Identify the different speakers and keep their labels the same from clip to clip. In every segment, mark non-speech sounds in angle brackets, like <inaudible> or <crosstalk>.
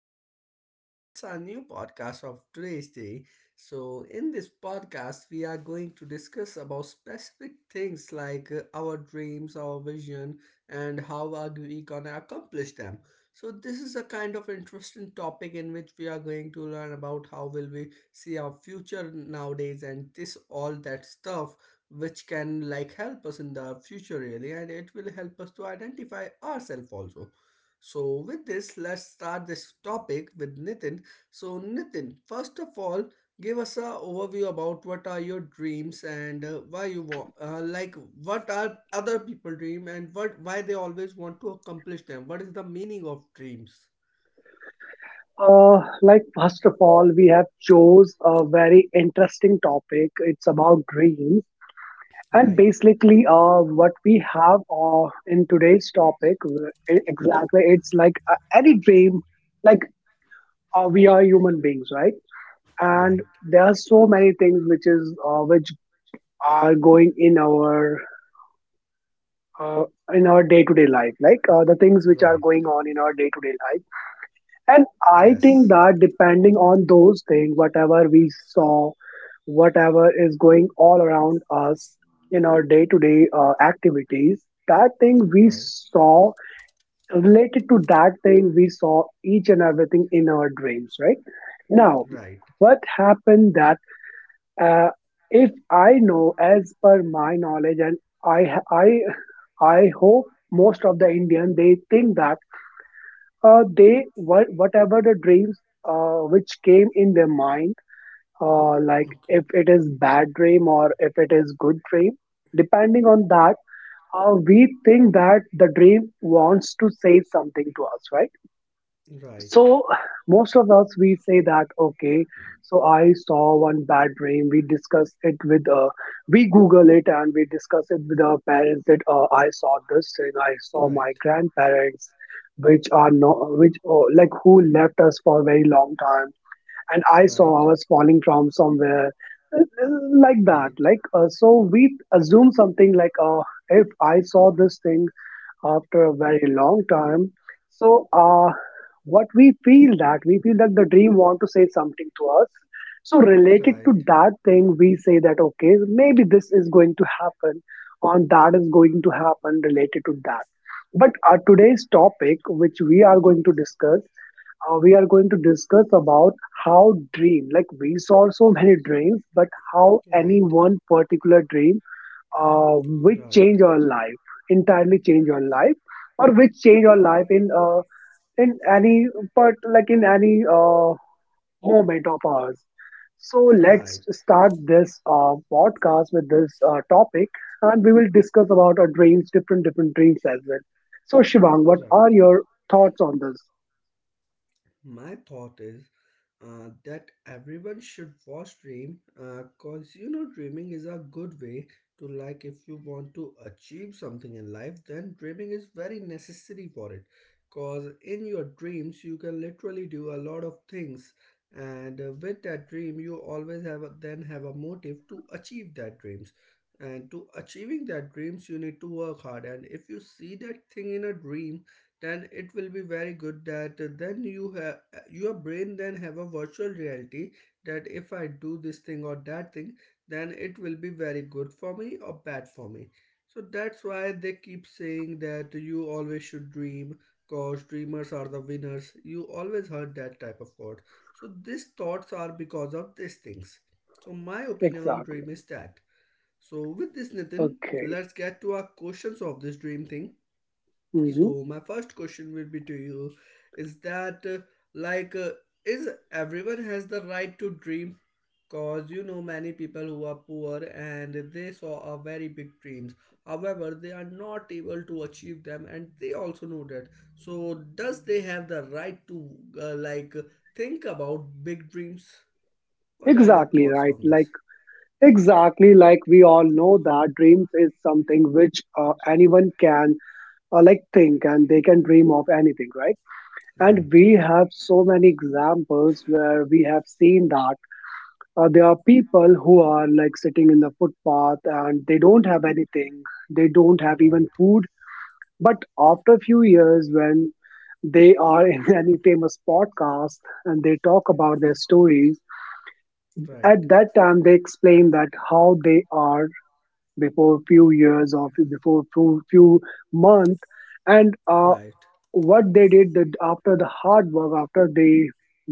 Speaker 1: good. And it's our new podcast of today's day. So, in this podcast, we are going to discuss about specific things like our dreams, our vision, and how are we gonna accomplish them. So, this is a kind of interesting topic in which we are going to learn about how will we see our future nowadays and this all that stuff which can like help us in the future really, and it will help us to identify ourselves also. So with this, let's start this topic with Nitin. So Nitin, first of all, give us a overview about what are your dreams, and why you want, like, what are other people dream, and what why they always want to accomplish them, what is the meaning of dreams?
Speaker 2: Like first of all, we have chose a very interesting topic. It's about dreams, and
Speaker 1: Right.
Speaker 2: basically, what we have in today's topic, exactly, it's like any dream. Like we are human beings, right? And
Speaker 1: Right.
Speaker 2: there are so many things which is which are going uh, in our day to day life, like the things which are
Speaker 1: Right.
Speaker 2: going on in our day to day life. And I think
Speaker 1: Yes.
Speaker 2: that depending on those things, whatever we saw, whatever is going all around us in our day to day activities, that thing we
Speaker 1: Right.
Speaker 2: saw related to that thing we saw each and everything in our dreams, right? Now,
Speaker 1: Right.
Speaker 2: what happened that uh, if I know as per my knowledge, and I, I hope most of the Indian they think that they what whatever the dreams which came in their mind, like
Speaker 1: Okay.
Speaker 2: if it is bad dream or if it is good dream, depending on that, we think that the dream wants to say something to us, right?
Speaker 1: Right.
Speaker 2: So most of us we say that okay. So I saw one bad dream. We discuss it with we Google it and we discuss it with our parents that I saw this thing. I saw my
Speaker 1: Right.
Speaker 2: grandparents, which are no which like who left us for a very long time, and I saw
Speaker 1: Right,
Speaker 2: I was falling from somewhere uh, uh, like that.
Speaker 1: right,
Speaker 2: Like so we assume something like if I saw this thing after a very long time. So, what we feel that the dream want to say something to us. So,
Speaker 1: right,
Speaker 2: related
Speaker 1: right,
Speaker 2: to that thing, we say that okay, maybe this is going to happen, and that is going to happen related to that. But today's topic, which we are going to discuss, we are going to discuss about how dream. Like we saw so many dreams, but how any one particular dream which change your life, entirely change your life or which change your life in any part, like in any moment of ours. So
Speaker 1: right, right.
Speaker 2: let's start this podcast with this topic, and we will discuss about our dreams, different different dreams as well. So Shivang, what
Speaker 1: Right.
Speaker 2: are your thoughts on this?
Speaker 1: My thought is that everyone should watch Dream because, you know, dreaming is a good way to, like, if you want to achieve something in life, then dreaming is very necessary for it because in your dreams you can literally do a lot of things. And with that dream, you always have a, then have a motive to achieve that dreams. And to achieving that dreams, you need to work hard. And if you see that thing in a dream, then it will be very good that then you have your brain then have a virtual reality that if I do this thing or that thing, then it will be very good for me or bad for me. So that's why they keep saying that you always should dream, cause dreamers are the winners. You always heard that type of quote. So these thoughts are because of these things. So my opinion on
Speaker 2: Exactly.
Speaker 1: dream is that. So with this, Nitin,
Speaker 2: Okay.
Speaker 1: let's get to our questions of this dream thing.
Speaker 2: Hmm.
Speaker 1: So my first question will be to you is that, like, is everyone has the right to dream? Cause you know, many people who are poor and they saw a very big dreams, however they are not able to achieve them, and they also know that. So does they have the right to, like, think about big dreams? What are your
Speaker 2: Exactly,
Speaker 1: thoughts
Speaker 2: right,
Speaker 1: on this?
Speaker 2: like exactly, like we all know that dreams is something which anyone can like think, and they can dream of anything, right? And
Speaker 1: Right?
Speaker 2: we have so many examples where we have seen that there are people who are like sitting in the footpath and they don't have anything, they don't have
Speaker 1: Right,
Speaker 2: even food, but after a few years when they are in <laughs> any famous podcast and they talk about their stories,
Speaker 1: right.
Speaker 2: at
Speaker 1: And
Speaker 2: that time they explain that how they are before few years or few months, and what they did, after the hard work, after they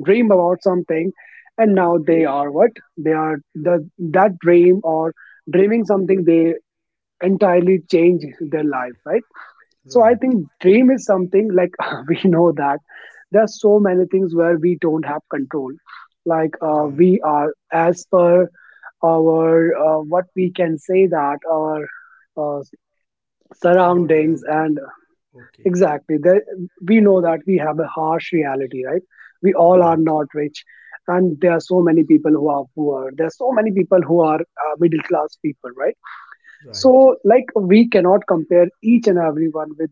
Speaker 2: dream about something and now they are what, they are the that dream or dreaming something, they entirely change their life, right?
Speaker 1: food
Speaker 2: So
Speaker 1: right, and
Speaker 2: I
Speaker 1: right,
Speaker 2: think
Speaker 1: right.
Speaker 2: dream is something like <laughs> we know that there are so many things where we don't have control. Like we are, as per our what we can say that our uh,
Speaker 1: Per our
Speaker 2: surroundings
Speaker 1: reality?
Speaker 2: and
Speaker 1: Okay.
Speaker 2: exactly there, we know that we have a harsh reality, right? We
Speaker 1: We
Speaker 2: all are
Speaker 1: right,
Speaker 2: not rich, and there are so many people who are poor, there are so many people who are middle class people, right?
Speaker 1: right,
Speaker 2: So like we cannot compare each and everyone with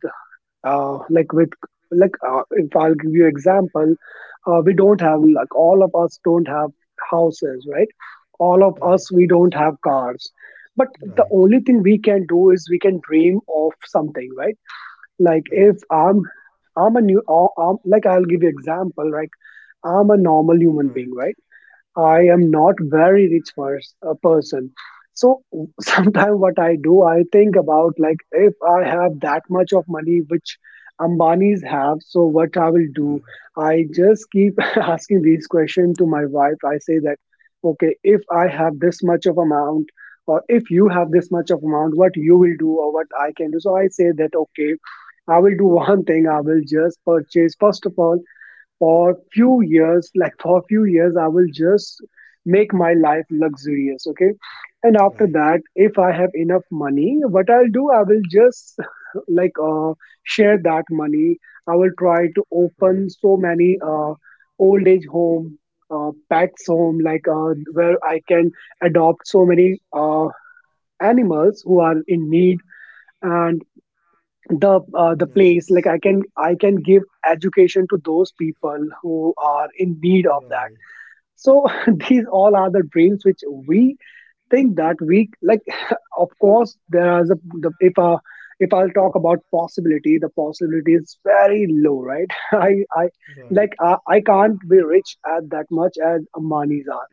Speaker 2: uh, like with like if I'll give you example, we don't have, like all of us don't have houses, right? All of us we don't have cars, but
Speaker 1: have cars.
Speaker 2: the
Speaker 1: Right,
Speaker 2: only thing we can do is we can dream of something, right? Like
Speaker 1: right,
Speaker 2: if I'm a new like I'll give you example, like I'm a normal human being,
Speaker 1: right,
Speaker 2: right? I
Speaker 1: right,
Speaker 2: am not very rich a person. So <laughs> sometimes what I do, I think about, like if I have that much of money which Ambanis have, so what I will do?
Speaker 1: right,
Speaker 2: I just keep <laughs> asking these questions to my wife. I say that, okay, if I have this much of amount, or if you have this much of amount, what you will do or what I can do. So I say that okay, I will do <laughs> one thing. I will just purchase first of all for few years, like for few years I will just make my life luxurious, okay, and after
Speaker 1: right,
Speaker 2: that if I have enough money, what I'll do, I will just <laughs> like share that money. I will try to open
Speaker 1: right.
Speaker 2: so many old age home, pets home, like where I can adopt so many uh, animals who are in need, and the place
Speaker 1: Nice.
Speaker 2: like I can, I can give education to those people who are in need of that.
Speaker 1: Right,
Speaker 2: So <laughs> these all are the dreams which we think that we like <laughs> of course there is if I'll talk about possibility, the possibility is very low, right? <laughs> I
Speaker 1: right,
Speaker 2: like I can't be rich at that much as Ambanis are,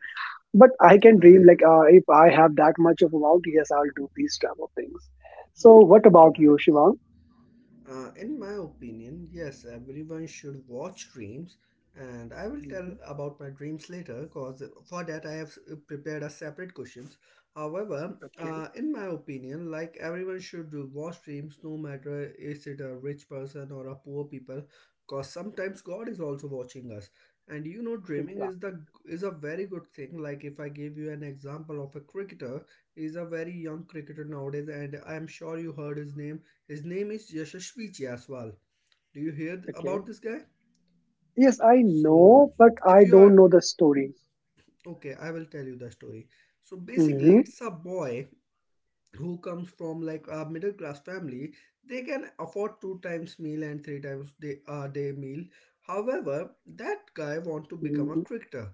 Speaker 2: but I can dream,
Speaker 1: right.
Speaker 2: like if I have that much of amount, yes, I'll do these type of things. So what about you,
Speaker 1: Nice.
Speaker 2: Shivang?
Speaker 1: In my opinion, yes, everyone should watch Dreams, and I will tell
Speaker 2: Mhm.
Speaker 1: about my dreams later because for that I have prepared a separate questions. However,
Speaker 2: Okay.
Speaker 1: in my opinion, like everyone should do watch Dreams, no matter is it a rich person or a poor people, because sometimes God is also watching us. And you know, dreaming is
Speaker 2: Exactly.
Speaker 1: the is a very good thing. Like if I give you an example of a cricketer, he's a very young cricketer nowadays, and I am sure you heard his name. His name is Yashasvi Jaiswal. Do you hear
Speaker 2: Okay.
Speaker 1: about this guy?
Speaker 2: Yes, I
Speaker 1: So,
Speaker 2: know, but
Speaker 1: if
Speaker 2: I
Speaker 1: you
Speaker 2: don't
Speaker 1: are
Speaker 2: know the story.
Speaker 1: okay, I will tell you the story. So, basically,
Speaker 2: Mm-hmm.
Speaker 1: it's a boy who comes from like a middle class family. They can afford two times meal and three times day day meal. However, that guy want to become a
Speaker 2: Mm-hmm.
Speaker 1: cricketer,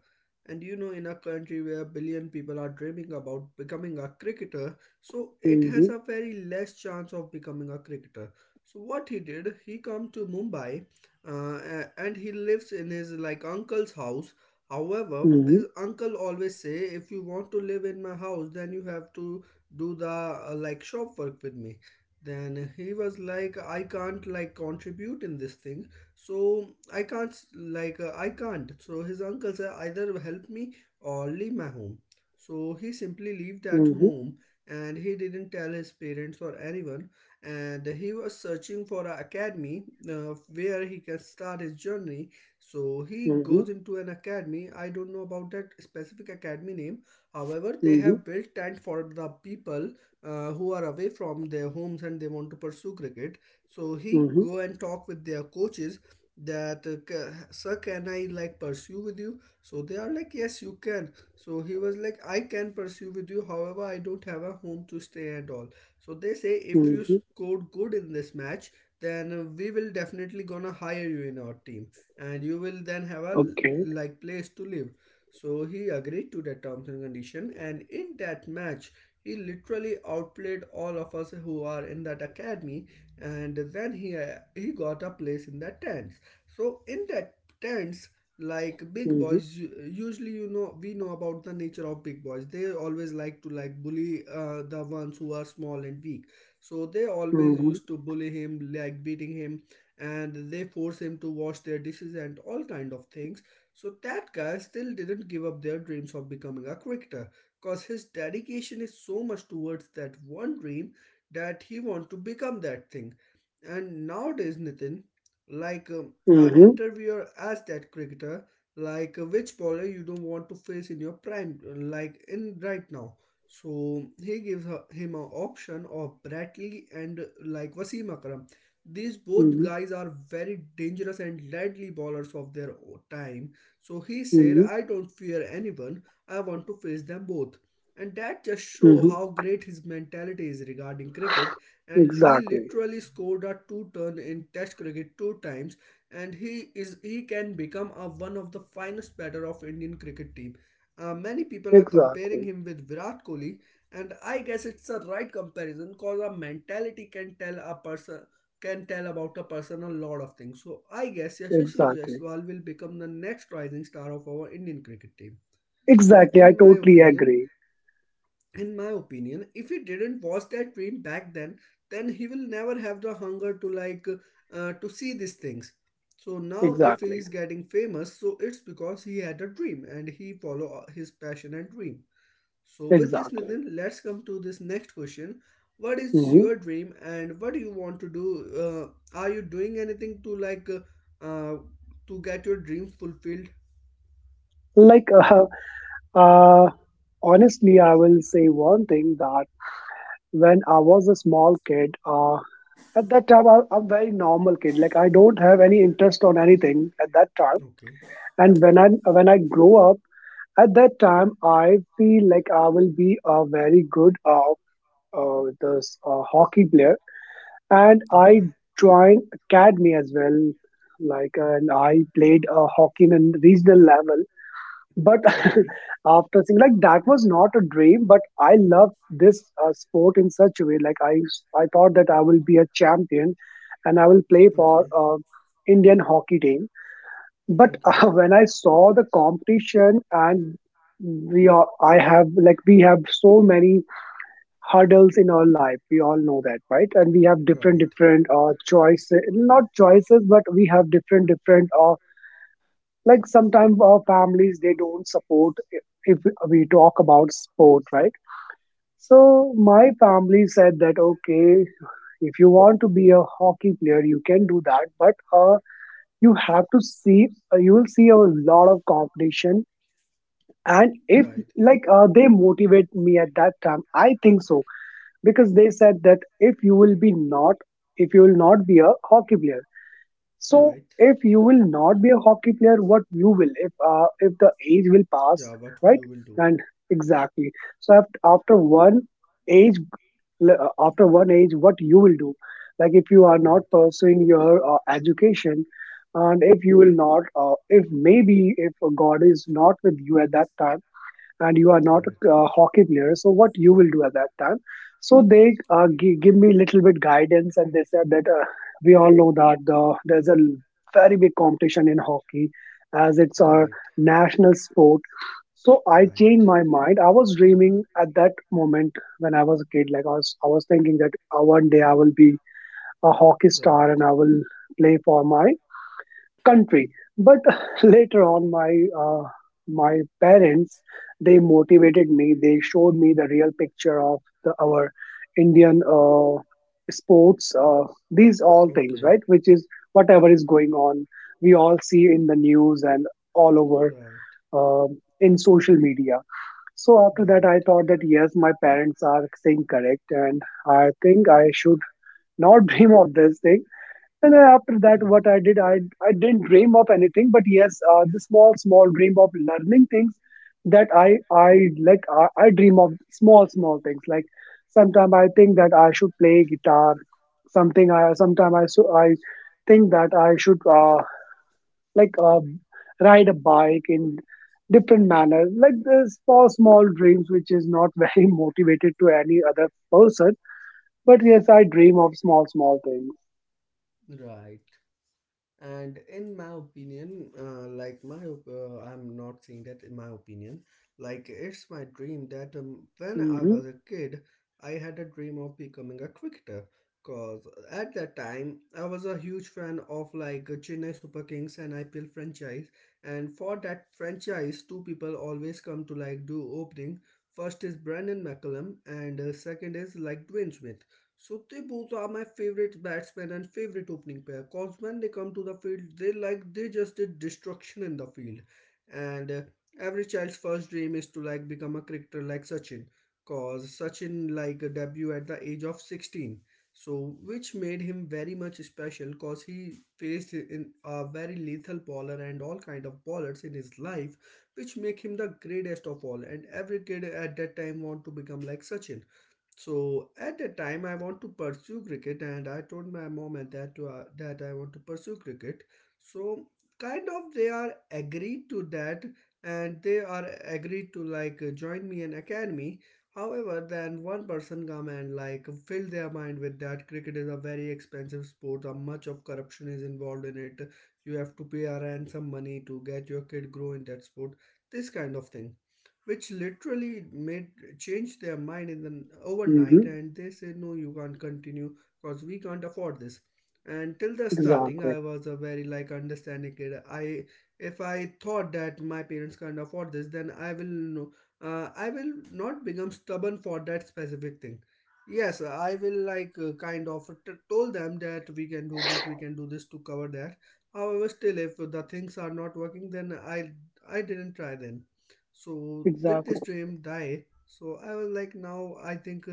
Speaker 1: and you know in a country where a billion people are dreaming about becoming a cricketer, so it has
Speaker 2: Mm-hmm.
Speaker 1: a very less chance of becoming a cricketer. So what he did, he come to Mumbai, and he lives in his like uncle's house. However,
Speaker 2: Mm-hmm.
Speaker 1: his uncle always say, if you want to live in my house then you have to do the like shop work with me. Then he was like, I can't like contribute in this thing. So I can't, like, I can't. So his uncle said, either help me or leave my home. So he simply left at
Speaker 2: Mm-hmm.
Speaker 1: home, and he didn't tell his parents or anyone. And he was searching for an academy where he can start his journey. So he
Speaker 2: Mm-hmm.
Speaker 1: goes into an academy. I don't know about that specific academy name. However, they
Speaker 2: Mm-hmm.
Speaker 1: have built tent for the people who are away from their homes and they want to pursue cricket. So he
Speaker 2: Mm-hmm.
Speaker 1: go and talk with their coaches that, sir, can I like pursue with you? So they are like, yes you can. So he was like, I can pursue with you, however I don't have a home to stay and all. So they say, if you
Speaker 2: Mm-hmm.
Speaker 1: scored good in this match, then we will definitely gonna hire you in our team, and you will then have a
Speaker 2: Okay.
Speaker 1: like place to live. So he agreed to the terms and condition, and in that match, he literally outplayed all of us who are in that academy, and then he got a place in that tents. So in that tents, like big
Speaker 2: Mm-hmm.
Speaker 1: boys, usually, you know, we know about the nature of big boys. They always like to like bully the ones who are small and weak. So they always
Speaker 2: Mm-hmm.
Speaker 1: used to bully him, like beating him, and they force him to wash their dishes and all kind of things. So that guy still didn't give up their dreams of becoming a cricketer, because his dedication is so much towards that one dream that he want to become that thing. And nowadays, Nitin, like a
Speaker 2: Mm-hmm.
Speaker 1: interviewer asked that cricketer, like, which bowler you don't want to face in your prime, like in right now. So he gives her, him an option of Bradley and like Wasim Akram. These both
Speaker 2: Mm-hmm.
Speaker 1: guys are very dangerous and deadly bowlers of their time. So he said,
Speaker 2: Mm-hmm.
Speaker 1: I don't fear anyone, I want to face them both. And that just show
Speaker 2: Mm-hmm.
Speaker 1: how great his mentality is regarding cricket. And he
Speaker 2: Exactly.
Speaker 1: literally scored a two ton in Test cricket two times, and he is he can become a, one of the finest batter of Indian cricket team. Many people are comparing
Speaker 2: Exactly.
Speaker 1: him with Virat Kohli, and I guess it's a right comparison because a mentality can tell a person can tell about a person a lot of things. So I guess Yashasvi
Speaker 2: Exactly.
Speaker 1: Jaiswal will become the next rising star of our Indian cricket team. So
Speaker 2: Exactly. I totally agree.
Speaker 1: in my opinion, if he didn't watch that dream back then he will never have the hunger to like to see these things. So now if he
Speaker 2: Exactly.
Speaker 1: is getting famous, so it's because he had a dream and he follow his passion and dream. So, with this,
Speaker 2: Exactly.
Speaker 1: Nitin, let's come to this next question. What is
Speaker 2: Mm-hmm.
Speaker 1: your dream and what do you want to do? Are you doing anything to like to get your dream fulfilled?
Speaker 2: Like, <laughs> uh, honestly, I will say one thing that when I was a small kid, at that time I, I'm very normal kid, like I don't have any interest on anything at that time.
Speaker 1: Okay,
Speaker 2: And when I, when I grow up, at that time I feel like I will be a very good this hockey player, and I
Speaker 1: okay,
Speaker 2: joined academy as well, like, and I played hockey in a regional level. But <laughs>
Speaker 1: okay,
Speaker 2: after seeing, like that was not a dream, but I loved this sport in such a way. Like I thought that I will be a champion, and I will play for
Speaker 1: okay,
Speaker 2: Indian hockey team. But <laughs>
Speaker 1: okay.
Speaker 2: when I saw the competition, and I have, like we have so many hurdles in our life. We all know that, right? And we have different
Speaker 1: Right,
Speaker 2: different choices, not choices, but we have different different like sometimes our families they don't support if we talk about sport, right? So my family said that okay, if you want to be a hockey player you can do that, but uh, you have to see, you will see a lot of competition. And if,
Speaker 1: right,
Speaker 2: like they motivate me at that time I think so, because they said that if you will not be a hockey player, so
Speaker 1: right.
Speaker 2: if you will not be a hockey player, what you will, if the age will pass,
Speaker 1: Yeah, what
Speaker 2: right?
Speaker 1: you will do?
Speaker 2: And exactly. So age, after one age, what you will do? Like if you are not
Speaker 1: Right,
Speaker 2: pursuing your education, and if you will not, if maybe if God is not with you at that time, and you are not
Speaker 1: right.
Speaker 2: a hockey player, so what you will do at that time? So they give me little bit guidance and they said that, we all know that there's very big competition in hockey, as it's our
Speaker 1: Right,
Speaker 2: national sport. So I
Speaker 1: right,
Speaker 2: changed my mind. I was dreaming at that moment when I was a kid, like I was thinking that one day I will be a hockey star
Speaker 1: right.
Speaker 2: and I will play for my country. But <laughs> later on uh, my parents, they motivated me, they showed me the real picture of our Indian sports, these all things,
Speaker 1: Okay,
Speaker 2: right, which is whatever is going on, we all see in the news and all over
Speaker 1: right,
Speaker 2: um in social media. So after that
Speaker 1: right,
Speaker 2: I thought that yes, my parents are saying correct, and I think I should not <laughs> dream of this thing. And then after that,
Speaker 1: right,
Speaker 2: what I did, I didn't dream of anything, but yes, the small small dream of learning things, that I like I dream of small small things. Like sometimes I think that I should play guitar, something I think that I should like uh, ride a bike in different manners. Like the small small dreams, which is not <laughs> very motivated to any other person, but yes, I dream of small small things.
Speaker 1: right. And in my opinion, like, my I'm not saying that in my opinion, like it's my dream that, when I
Speaker 2: Hmm.
Speaker 1: was a kid, I had a dream of becoming a cricketer, because at that time I was a huge fan of like Chennai Super Kings and IPL franchise. And for that franchise two people always come to like do opening. First is Brandon McCullum, and second is like Dwayne Smith. So they both are my favorite batsmen and favorite opening pair. Cause when they come to the field, they like they just did destruction in the field. And every child's first dream is to like become a cricketer like Sachin. Cause Sachin like debut at the age of 16. So which made him very much special cause he faced in a very lethal bowler and all kind of bowlers in his life which make him the greatest of all, and every kid at that time want to become like Sachin. So at that time, I want to pursue cricket, and I told my mom and dad to, that I want to pursue cricket. So kind of they are agreed to that, and they are agreed to like join me in academy. However, then one person come and like fill their mind with that cricket is a very expensive sport. A much of corruption is involved in it. You have to pay a ransom money to get your kid grow in that sport. This kind of thing which literally made changed their mind in the overnight,
Speaker 2: Hmm.
Speaker 1: and they said, "No, you can't continue because we can't afford this." And till the starting,
Speaker 2: Exactly.
Speaker 1: I was a very like understanding kid. I if I thought that my parents can't afford this, then I will no- I will not become stubborn for that specific thing. Yes, I will like kind of told them that we can do this, we can do this to cover that. However, still if the things are not working, then I didn't try then. So with this
Speaker 2: Exactly.
Speaker 1: dream die, so I was like, now I think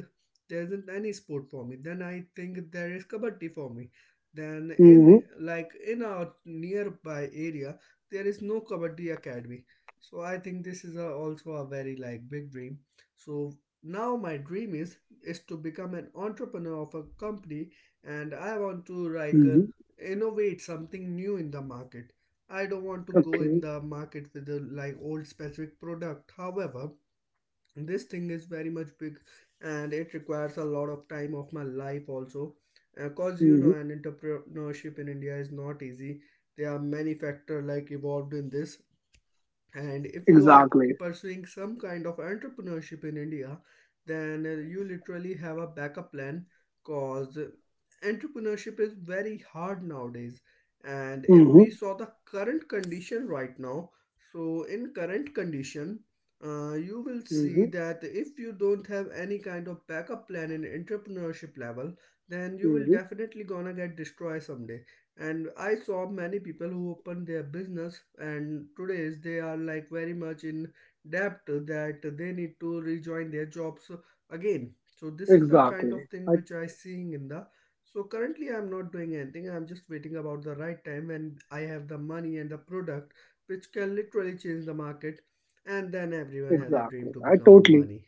Speaker 1: there isn't any sport for me. Then I think there is kabaddi for me. Then
Speaker 2: Mm-hmm.
Speaker 1: in our nearby area, there is no kabaddi academy. So I think this is a, also a very like big dream. So now my dream is to become an entrepreneur of a company, and I want to like
Speaker 2: Mm-hmm.
Speaker 1: innovate something new in the market. I don't want to go in
Speaker 2: Okay.
Speaker 1: the market with the like old specific product. However, this thing is very much big, and it requires a lot of time of my life also. Because you
Speaker 2: Mm-hmm.
Speaker 1: know, an entrepreneurship in India is not easy. There are many factors like involved in this, and if you are
Speaker 2: Exactly.
Speaker 1: pursuing some kind of entrepreneurship in India, then you literally have a backup plan, because entrepreneurship is very hard nowadays. And if we
Speaker 2: Mm-hmm.
Speaker 1: saw the current condition right now, so in current condition, you will see
Speaker 2: Mm-hmm.
Speaker 1: that if you don't have any kind of backup plan in entrepreneurship level, then you will
Speaker 2: Mm-hmm.
Speaker 1: definitely gonna get destroyed someday. And I saw many people who opened their business, and today they are like very much in debt that they need to rejoin their jobs again. So this is the kind
Speaker 2: Exactly.
Speaker 1: of thing
Speaker 2: I
Speaker 1: which I seeing in the. So currently I'm not doing anything, I'm just waiting about the right time when I have the money and the product which can literally change the market. And then everyone has a dream
Speaker 2: exactly.
Speaker 1: to
Speaker 2: I
Speaker 1: become a
Speaker 2: totally.
Speaker 1: money,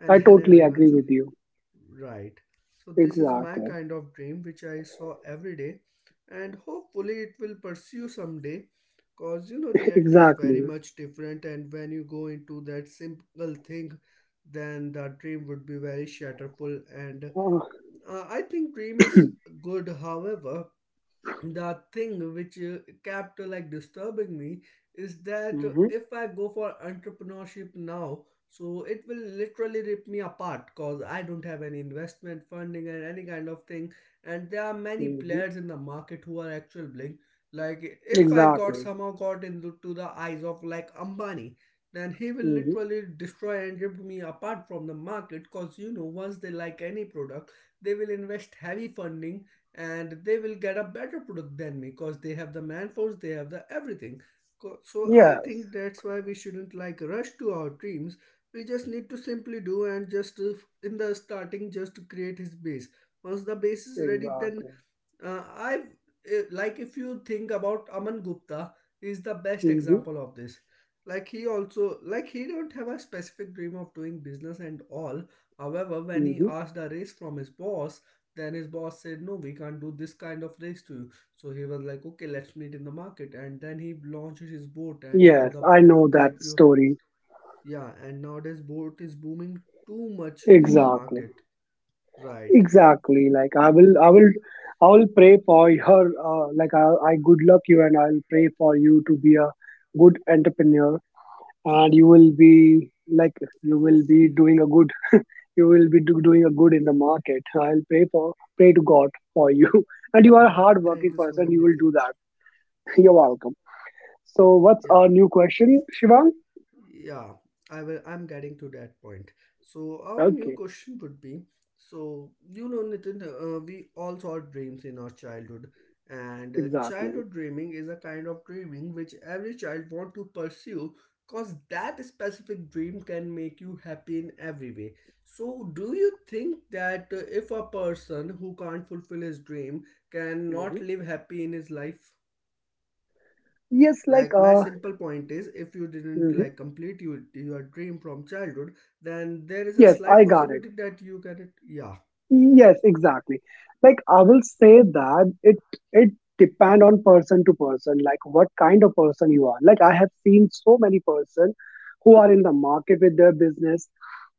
Speaker 1: and
Speaker 2: I
Speaker 1: then <laughs>
Speaker 2: totally agree
Speaker 1: everyone's.
Speaker 2: with you.
Speaker 1: Right. So this is my
Speaker 2: Exactly.
Speaker 1: kind of dream which I saw every day, and hopefully it will pursue someday, because you know,
Speaker 2: <laughs>
Speaker 1: reality is very
Speaker 2: Exactly.
Speaker 1: much different. And when you go into that simple thing, then that dream would be very shatterful. And
Speaker 2: Uh,
Speaker 1: I think dream is good, however the thing which kept like disturbing me is that
Speaker 2: mm-hmm.
Speaker 1: if I go for entrepreneurship now, so it will literally rip me apart, because I don't have any investment funding and any kind of thing. And there are many
Speaker 2: Mm-hmm.
Speaker 1: players in the market who are actual bling. Like if I got
Speaker 2: Exactly.
Speaker 1: somehow got into to the eyes of like Ambani, then he will
Speaker 2: Mm-hmm.
Speaker 1: literally destroy and rip me apart from the market. Because you know, once they like any product, they will invest heavy funding, and they will get a better product than me because they have the manforce, they have the everything. So I
Speaker 2: Yes.
Speaker 1: think that's why we shouldn't like rush to our dreams. We just need to simply do and just in the starting just create his base. Once the base is ready, then
Speaker 2: Exactly.
Speaker 1: uh, I've like if you think about Aman Gupta is the best
Speaker 2: Mm-hmm.
Speaker 1: example of this. Like he also like he don't have a specific dream of doing business and all. However, when he
Speaker 2: Mm-hmm.
Speaker 1: asked a raise from his boss, then his boss said, "No, we can't do this kind of raise to you." So he was like, "Okay, let's meet in the market." And then he launched his boat, and now
Speaker 2: Yes.
Speaker 1: the
Speaker 2: I know
Speaker 1: boat
Speaker 2: that
Speaker 1: IPO.
Speaker 2: story.
Speaker 1: Yeah, and nowadays boat is booming too much in the
Speaker 2: Exactly.
Speaker 1: market. Right.
Speaker 2: Exactly. Like I will pray for your, like I good luck you, and I'll pray for you to be a good entrepreneur, and you will be like you
Speaker 1: <laughs>
Speaker 2: will be
Speaker 1: Hopefully.
Speaker 2: doing a good, you will doing a good in the market. <laughs> I'll pray for, pray to God for you, <laughs> and you are a
Speaker 1: Right.
Speaker 2: hard working
Speaker 1: Thank you so
Speaker 2: person.
Speaker 1: much,
Speaker 2: You will do
Speaker 1: Nitin.
Speaker 2: that. <laughs> You're welcome. So, what's
Speaker 1: Yeah.
Speaker 2: our new question, Shivang?
Speaker 1: Yeah. I'm getting to that point. So our new
Speaker 2: Okay,
Speaker 1: question would be, so you know, Nitin, we all saw dreams in our childhood, and
Speaker 2: exactly.
Speaker 1: childhood dreaming is a kind of dreaming which every child want to pursue, cause that specific dream can make you happy in every way. So do you think that if a person who can't fulfill his dream cannot
Speaker 2: Hmm.
Speaker 1: live happy in his life?
Speaker 2: Yes,
Speaker 1: Like my simple point is if you didn't
Speaker 2: mhm.
Speaker 1: like complete your dream from childhood, then there is a
Speaker 2: Yes,
Speaker 1: slight
Speaker 2: I got it.
Speaker 1: possibility that you can, yeah.
Speaker 2: Yes, exactly. Like I will say that it depend on person to person, like what kind of person you are. Like I have seen so many person who are in the market with their business.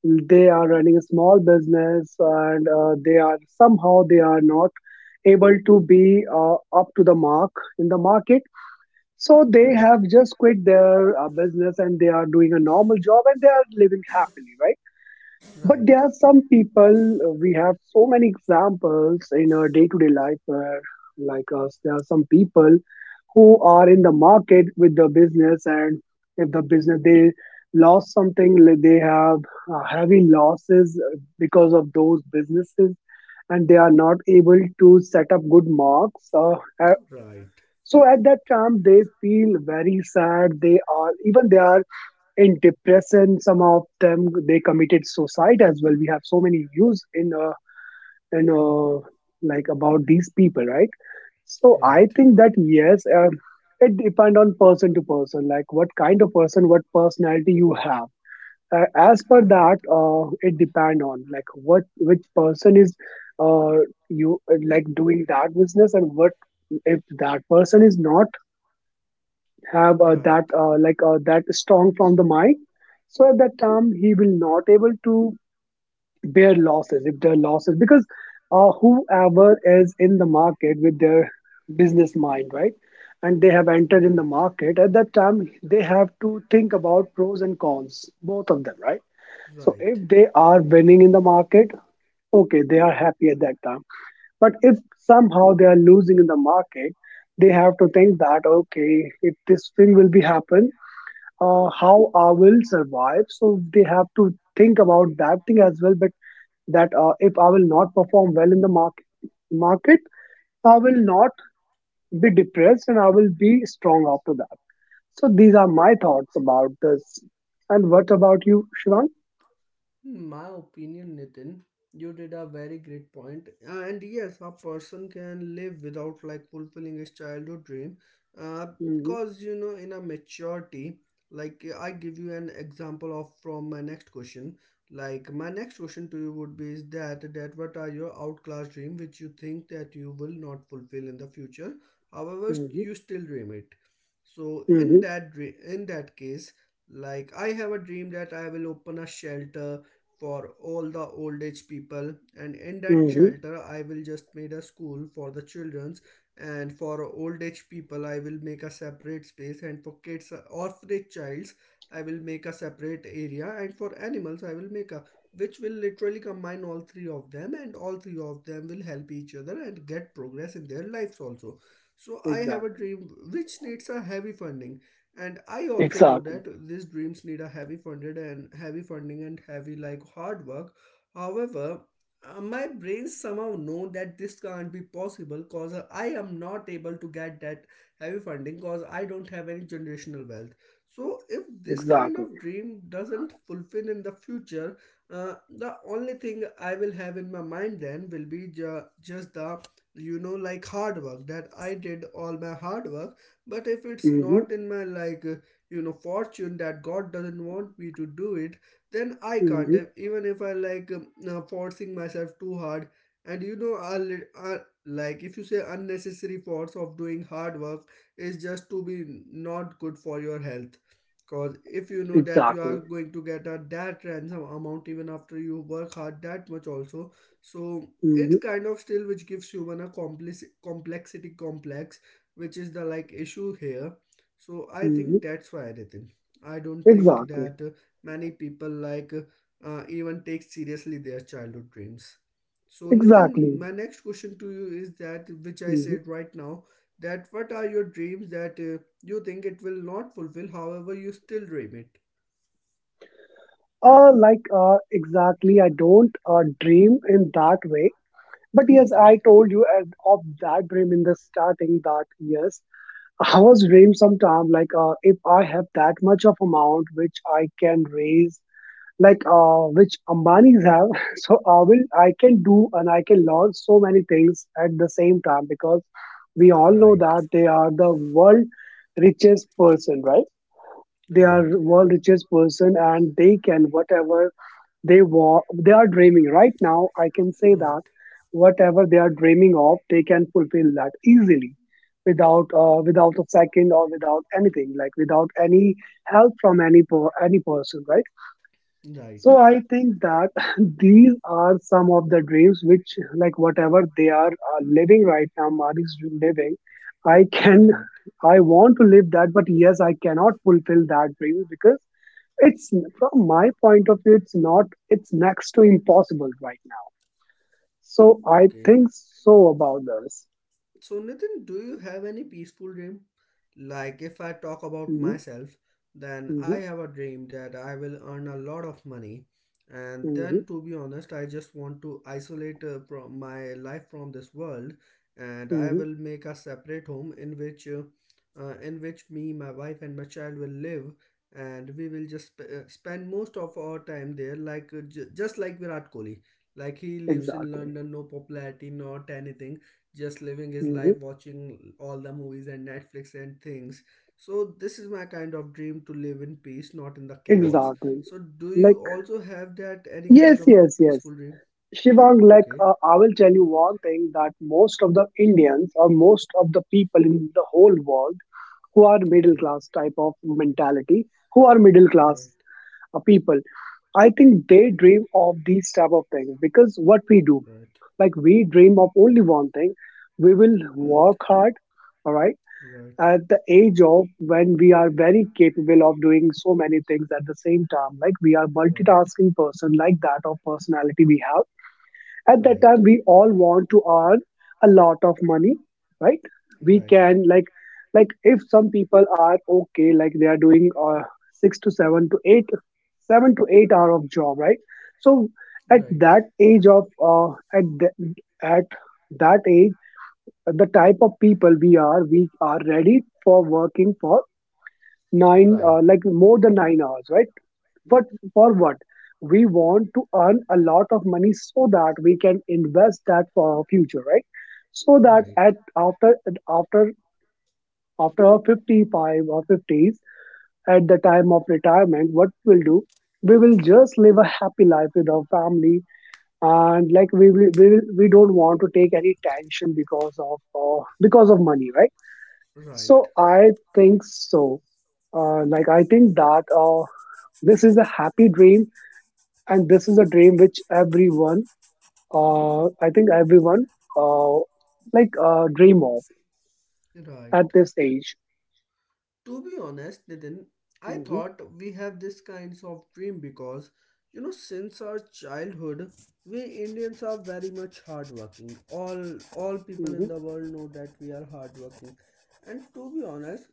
Speaker 2: They are running a small business and they are somehow they are not able to be up to the mark in the market. So they
Speaker 1: Right.
Speaker 2: have just quit their business and they are doing a normal job and they are living happily, right? But there
Speaker 1: Right.
Speaker 2: are some people, we have so many examples in our day to day life where, like us, there are some people who are in the market with the business, and if the business they lost something, like they have heavy losses because of those businesses, and they are not able to set up good marks. Uh,
Speaker 1: Right.
Speaker 2: so at that time, they feel very sad. They are in depression. Some of them they committed suicide as well. We have so many views in in uh, like about these people, right? So I
Speaker 1: Right.
Speaker 2: think that yes, it depend on person to person, like what kind of person, what personality you have. As per
Speaker 1: Right.
Speaker 2: that, it depend on like what, which person is uh, you like doing that business. And what if that person is not have
Speaker 1: Right.
Speaker 2: that, that strong from the mind, so at that time he will not able to bear losses if there are losses. Because whoever is in the market with their business mind, right, and they have entered in the
Speaker 1: Right.
Speaker 2: market, at that time they have to think about pros and cons, both of them, right? So if
Speaker 1: Right.
Speaker 2: they are winning in the market, okay, they are happy at that time. But if somehow they are losing in the market, they have to think that okay, if this thing will be happen, how I will survive. So they have to think about that thing as well. But that if I will not perform well in the market, I will not be depressed and I will be strong after that. So these are my thoughts about this. And what about you, Shivang?
Speaker 1: In my opinion, Nitin, you did a very great point. And yes, a person can live without like fulfilling his childhood dream. Uh,
Speaker 2: Mm-hmm,
Speaker 1: cause you know, in a maturity, like I give you an example of from my next question. Like my next question to you would be is that that what are your outclass dream which you think that you will not fulfill in the future. However,
Speaker 2: mm-hmm,
Speaker 1: you still dream it. So in
Speaker 2: mm-hmm,
Speaker 1: that dream, in that case, like I have a dream that I will open a shelter for all the old age people, and in that
Speaker 2: mm-hmm.
Speaker 1: shelter I will just made a school for the children's. And for old age people I will make a separate space, and for kids orphanage childs I will make a separate area, and for animals I will make a which will literally combine all three of them, and all three of them will help each other and get progress in their lives also. So I have a
Speaker 2: Exactly.
Speaker 1: dream which needs a heavy funding, and I also know
Speaker 2: Exactly.
Speaker 1: that these dreams need a heavy funded and heavy funding and heavy like hard work. However, my brain somehow know that this can't be possible, cause I am not able to get that heavy funding, cause I don't have any generational wealth. So if this kind
Speaker 2: Exactly.
Speaker 1: of dream doesn't fulfill in the future, the only thing I will have in my mind then will be just the you know like hard work that I did all my hard work. But if it's
Speaker 2: Mm-hmm,
Speaker 1: not in my like you know fortune that god doesn't want me to do it, then I can't
Speaker 2: mm-hmm.
Speaker 1: even if I like forcing myself too hard. And you know like if you say unnecessary force of doing hard work is just to be not good for your health. Because if you know that you are
Speaker 2: Exactly.
Speaker 1: going to get a that ransom amount even after you work hard that much also, so it's
Speaker 2: Mm-hmm,
Speaker 1: kind of still which gives human a complexity complex, which is the like issue here. So I
Speaker 2: mm-hmm.
Speaker 1: think that's why, Nitin. I don't think
Speaker 2: Exactly.
Speaker 1: that many people even take seriously their childhood dreams. So, Nitin,
Speaker 2: Exactly.
Speaker 1: my next question to you is that which I said right now, that what are your dreams that you think it will not fulfill, however you still dream it.
Speaker 2: Exactly, I don't dream in that way. But yes, I
Speaker 1: Okay.
Speaker 2: told you at, of that dream in the starting that yes, I was dream sometime like if I have that much of amount which I can raise, like which Ambanis have, <laughs> so I can do and I can launch so many things at the same time, because we all know
Speaker 1: Right.
Speaker 2: that they are the world richest person, right? They
Speaker 1: Right.
Speaker 2: are world richest person and they can whatever they are dreaming right now. I can say that
Speaker 1: Right.
Speaker 2: whatever they are dreaming of, they can fulfill that easily without without a second or without anything, like without any help from any person, right?
Speaker 1: Right.
Speaker 2: So I think that <laughs> these are some of the dreams which, like whatever they are living right now, Mari's living, I can
Speaker 1: Right.
Speaker 2: I want to live that. But yes I cannot fulfill that dream because it's, from my point of view, it's not, it's next to impossible right now. So I
Speaker 1: Okay.
Speaker 2: think so about this.
Speaker 1: So, Nitin, do you have any peaceful dream? Like, if I talk about
Speaker 2: Hmm.
Speaker 1: myself, then I
Speaker 2: Hmm.
Speaker 1: have a dream that I will earn a lot of money. And
Speaker 2: Hmm.
Speaker 1: then, to be honest, I just want to isolate from my life from this world, and I
Speaker 2: Hmm.
Speaker 1: will make a separate home in which me, my wife, and my child will live, and we will just spend most of our time there, like just like Virat Kohli. Like he lives in
Speaker 2: Exactly.
Speaker 1: London, no popularity, not anything, just living his
Speaker 2: Hmm.
Speaker 1: life, watching all the movies and Netflix and things. So this is my kind of dream, to live in peace, not in the chaos.
Speaker 2: Exactly.
Speaker 1: So do you
Speaker 2: Like,
Speaker 1: also have that any kind
Speaker 2: yes,
Speaker 1: of
Speaker 2: yes, yes.
Speaker 1: peaceful dream?
Speaker 2: Shivang, like,
Speaker 1: Okay.
Speaker 2: I will tell you one thing that most of the Indians or most of the people in the whole world who are middle
Speaker 1: Okay.
Speaker 2: class type of mentality, who are middle class
Speaker 1: Right.
Speaker 2: people, I think they dream of these type of things. Because what we do,
Speaker 1: Right.
Speaker 2: like we dream of only one thing. We will
Speaker 1: Right.
Speaker 2: work hard, all right,
Speaker 1: Right.
Speaker 2: at the age of when we are very capable of doing so many things at the same time. Like we are
Speaker 1: right
Speaker 2: multitasking person, like that of personality we have at that
Speaker 1: right
Speaker 2: time. We all want to earn a lot of money, right? We
Speaker 1: right
Speaker 2: can like if some people are okay, like they are doing 6 to 7 to 8 7 to 8 hour of job, right? So at
Speaker 1: right
Speaker 2: that
Speaker 1: right
Speaker 2: age of at the, at that age, the type of people we are, we are ready for working for 9 like more than 9 hours, right? What for what? We want to earn a lot of money so that we can invest that for our future, right? So that
Speaker 1: right
Speaker 2: at after after our 55 or 50s, at the time of retirement, what we'll do, we will just live a happy life with our family, and like we don't want to take any tension because of money, right? So I think so. Like I think that this is a happy dream, and this is a dream which everyone, I think everyone, uh, dream of
Speaker 1: right right
Speaker 2: at this age.
Speaker 1: To be honest, Nitin, I
Speaker 2: Hmm.
Speaker 1: thought we have this kinds of dream, because you know since our childhood we Indians are very much hardworking. All people in
Speaker 2: Hmm.
Speaker 1: the world know that we are hardworking. And to be honest,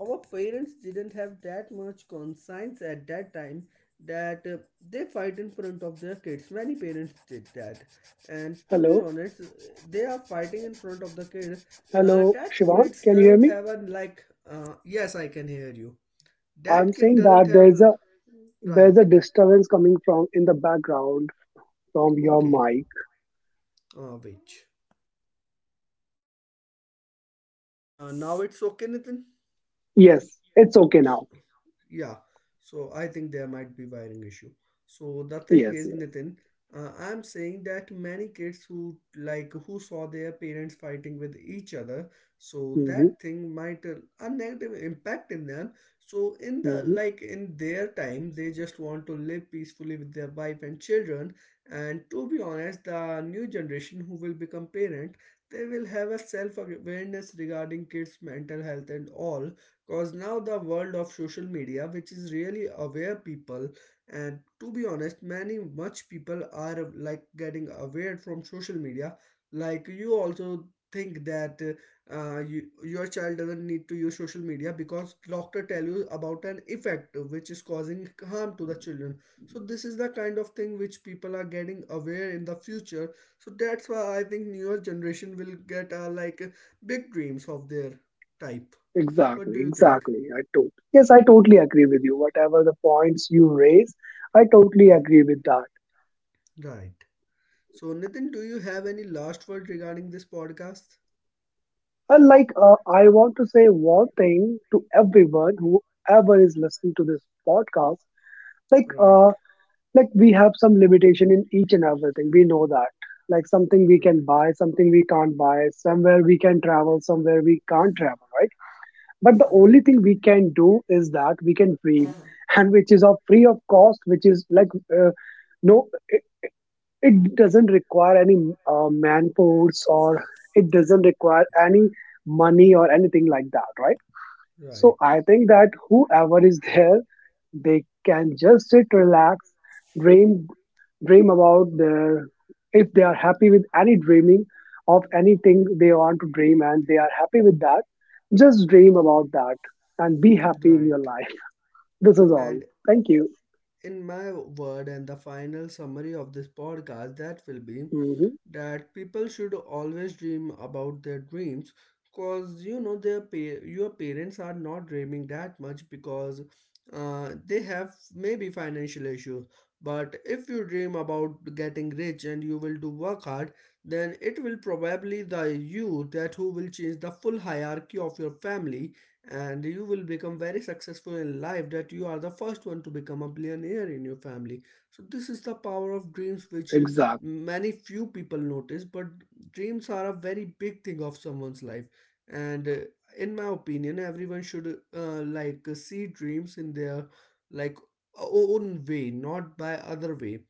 Speaker 1: our parents didn't have that much conscience at that time that they fight in front of their kids. Many parents did that, and to be
Speaker 2: Hello,
Speaker 1: honest, they are fighting in front of the kids.
Speaker 2: hello,
Speaker 1: That
Speaker 2: Shivan,
Speaker 1: kids
Speaker 2: can you hear
Speaker 1: doesn't
Speaker 2: me?
Speaker 1: have a like. Yes, I can hear you.
Speaker 2: I'm
Speaker 1: That kid
Speaker 2: saying
Speaker 1: doesn't
Speaker 2: that
Speaker 1: have.
Speaker 2: there's a
Speaker 1: Right.
Speaker 2: disturbance coming from in the background from your
Speaker 1: Okay.
Speaker 2: mic.
Speaker 1: Which? Now it's okay, Nathan.
Speaker 2: Yes, it's okay now.
Speaker 1: Yeah, so I think there might be wiring issue. So the thing
Speaker 2: Yes,
Speaker 1: is,
Speaker 2: yes.
Speaker 1: Nitin, I'm saying that many kids who like who saw their parents fighting with each other, so
Speaker 2: Hmm.
Speaker 1: that thing might a negative impact in them. So in the
Speaker 2: Hmm.
Speaker 1: like in their time they just want to live peacefully with their wife and children. And to be honest, the new generation who will become parent, they will have a self awareness regarding kids mental health and all. Cause now the world of social media, which is really aware people, and to be honest, many much people are like getting aware from social media. Like you also think that you, your child doesn't need to use social media because doctor tell you about an effect which is causing harm to the children. So this is the kind of thing which people are getting aware in the future. So that's why I think newer generation will get like big dreams of their type. What do
Speaker 2: exactly
Speaker 1: you think?
Speaker 2: exactly i tot yes I totally agree with you whatever the points you raise. I totally
Speaker 1: Right,
Speaker 2: agree with that.
Speaker 1: right. So, Nitin, do you have any last word regarding this podcast?
Speaker 2: And like, I want to say one thing to everyone, whoever is listening to this podcast. Like,
Speaker 1: Right,
Speaker 2: uh, like we have some limitation in each and everything. We know that. Like something we can
Speaker 1: right,
Speaker 2: buy, something we can't buy. Somewhere we can travel, somewhere we can't travel, right? But the only
Speaker 1: right.
Speaker 2: thing we can do is that we can dream, <laughs> and which is of free of cost, which is like no. It doesn't require any man force or it doesn't require any money or anything like that, right? So
Speaker 1: Right.
Speaker 2: I think that whoever is there, they can just sit, relax, dream, dream about their, if they are happy with any dreaming of anything they want to dream and they are happy with that, just dream about that and be happy in
Speaker 1: Right.
Speaker 2: your life. This is all.
Speaker 1: And
Speaker 2: Thank you.
Speaker 1: in my word and the final summary of this podcast that will be
Speaker 2: Hmm.
Speaker 1: that people should always dream about their dreams, because you know their your parents are not dreaming that much because they have maybe financial issues. But if you dream about getting rich and you will do work hard, then it will probably the you that who will change the full hierarchy of your family, and you will become very successful in life that you are the first one to become a billionaire in your family. So this is the power of dreams which
Speaker 2: Exact.
Speaker 1: many few people notice, but dreams are a very big thing of someone's life. And in my opinion everyone should see dreams in their like own way, not by other way.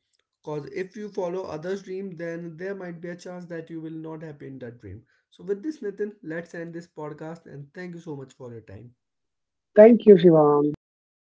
Speaker 1: Because if you follow others dream, then there might be a chance that you will not happy in that dream. So, with this, Nitin, let's end this podcast, and thank you so much for your time.
Speaker 2: Thank you, Shivang. Bye bye.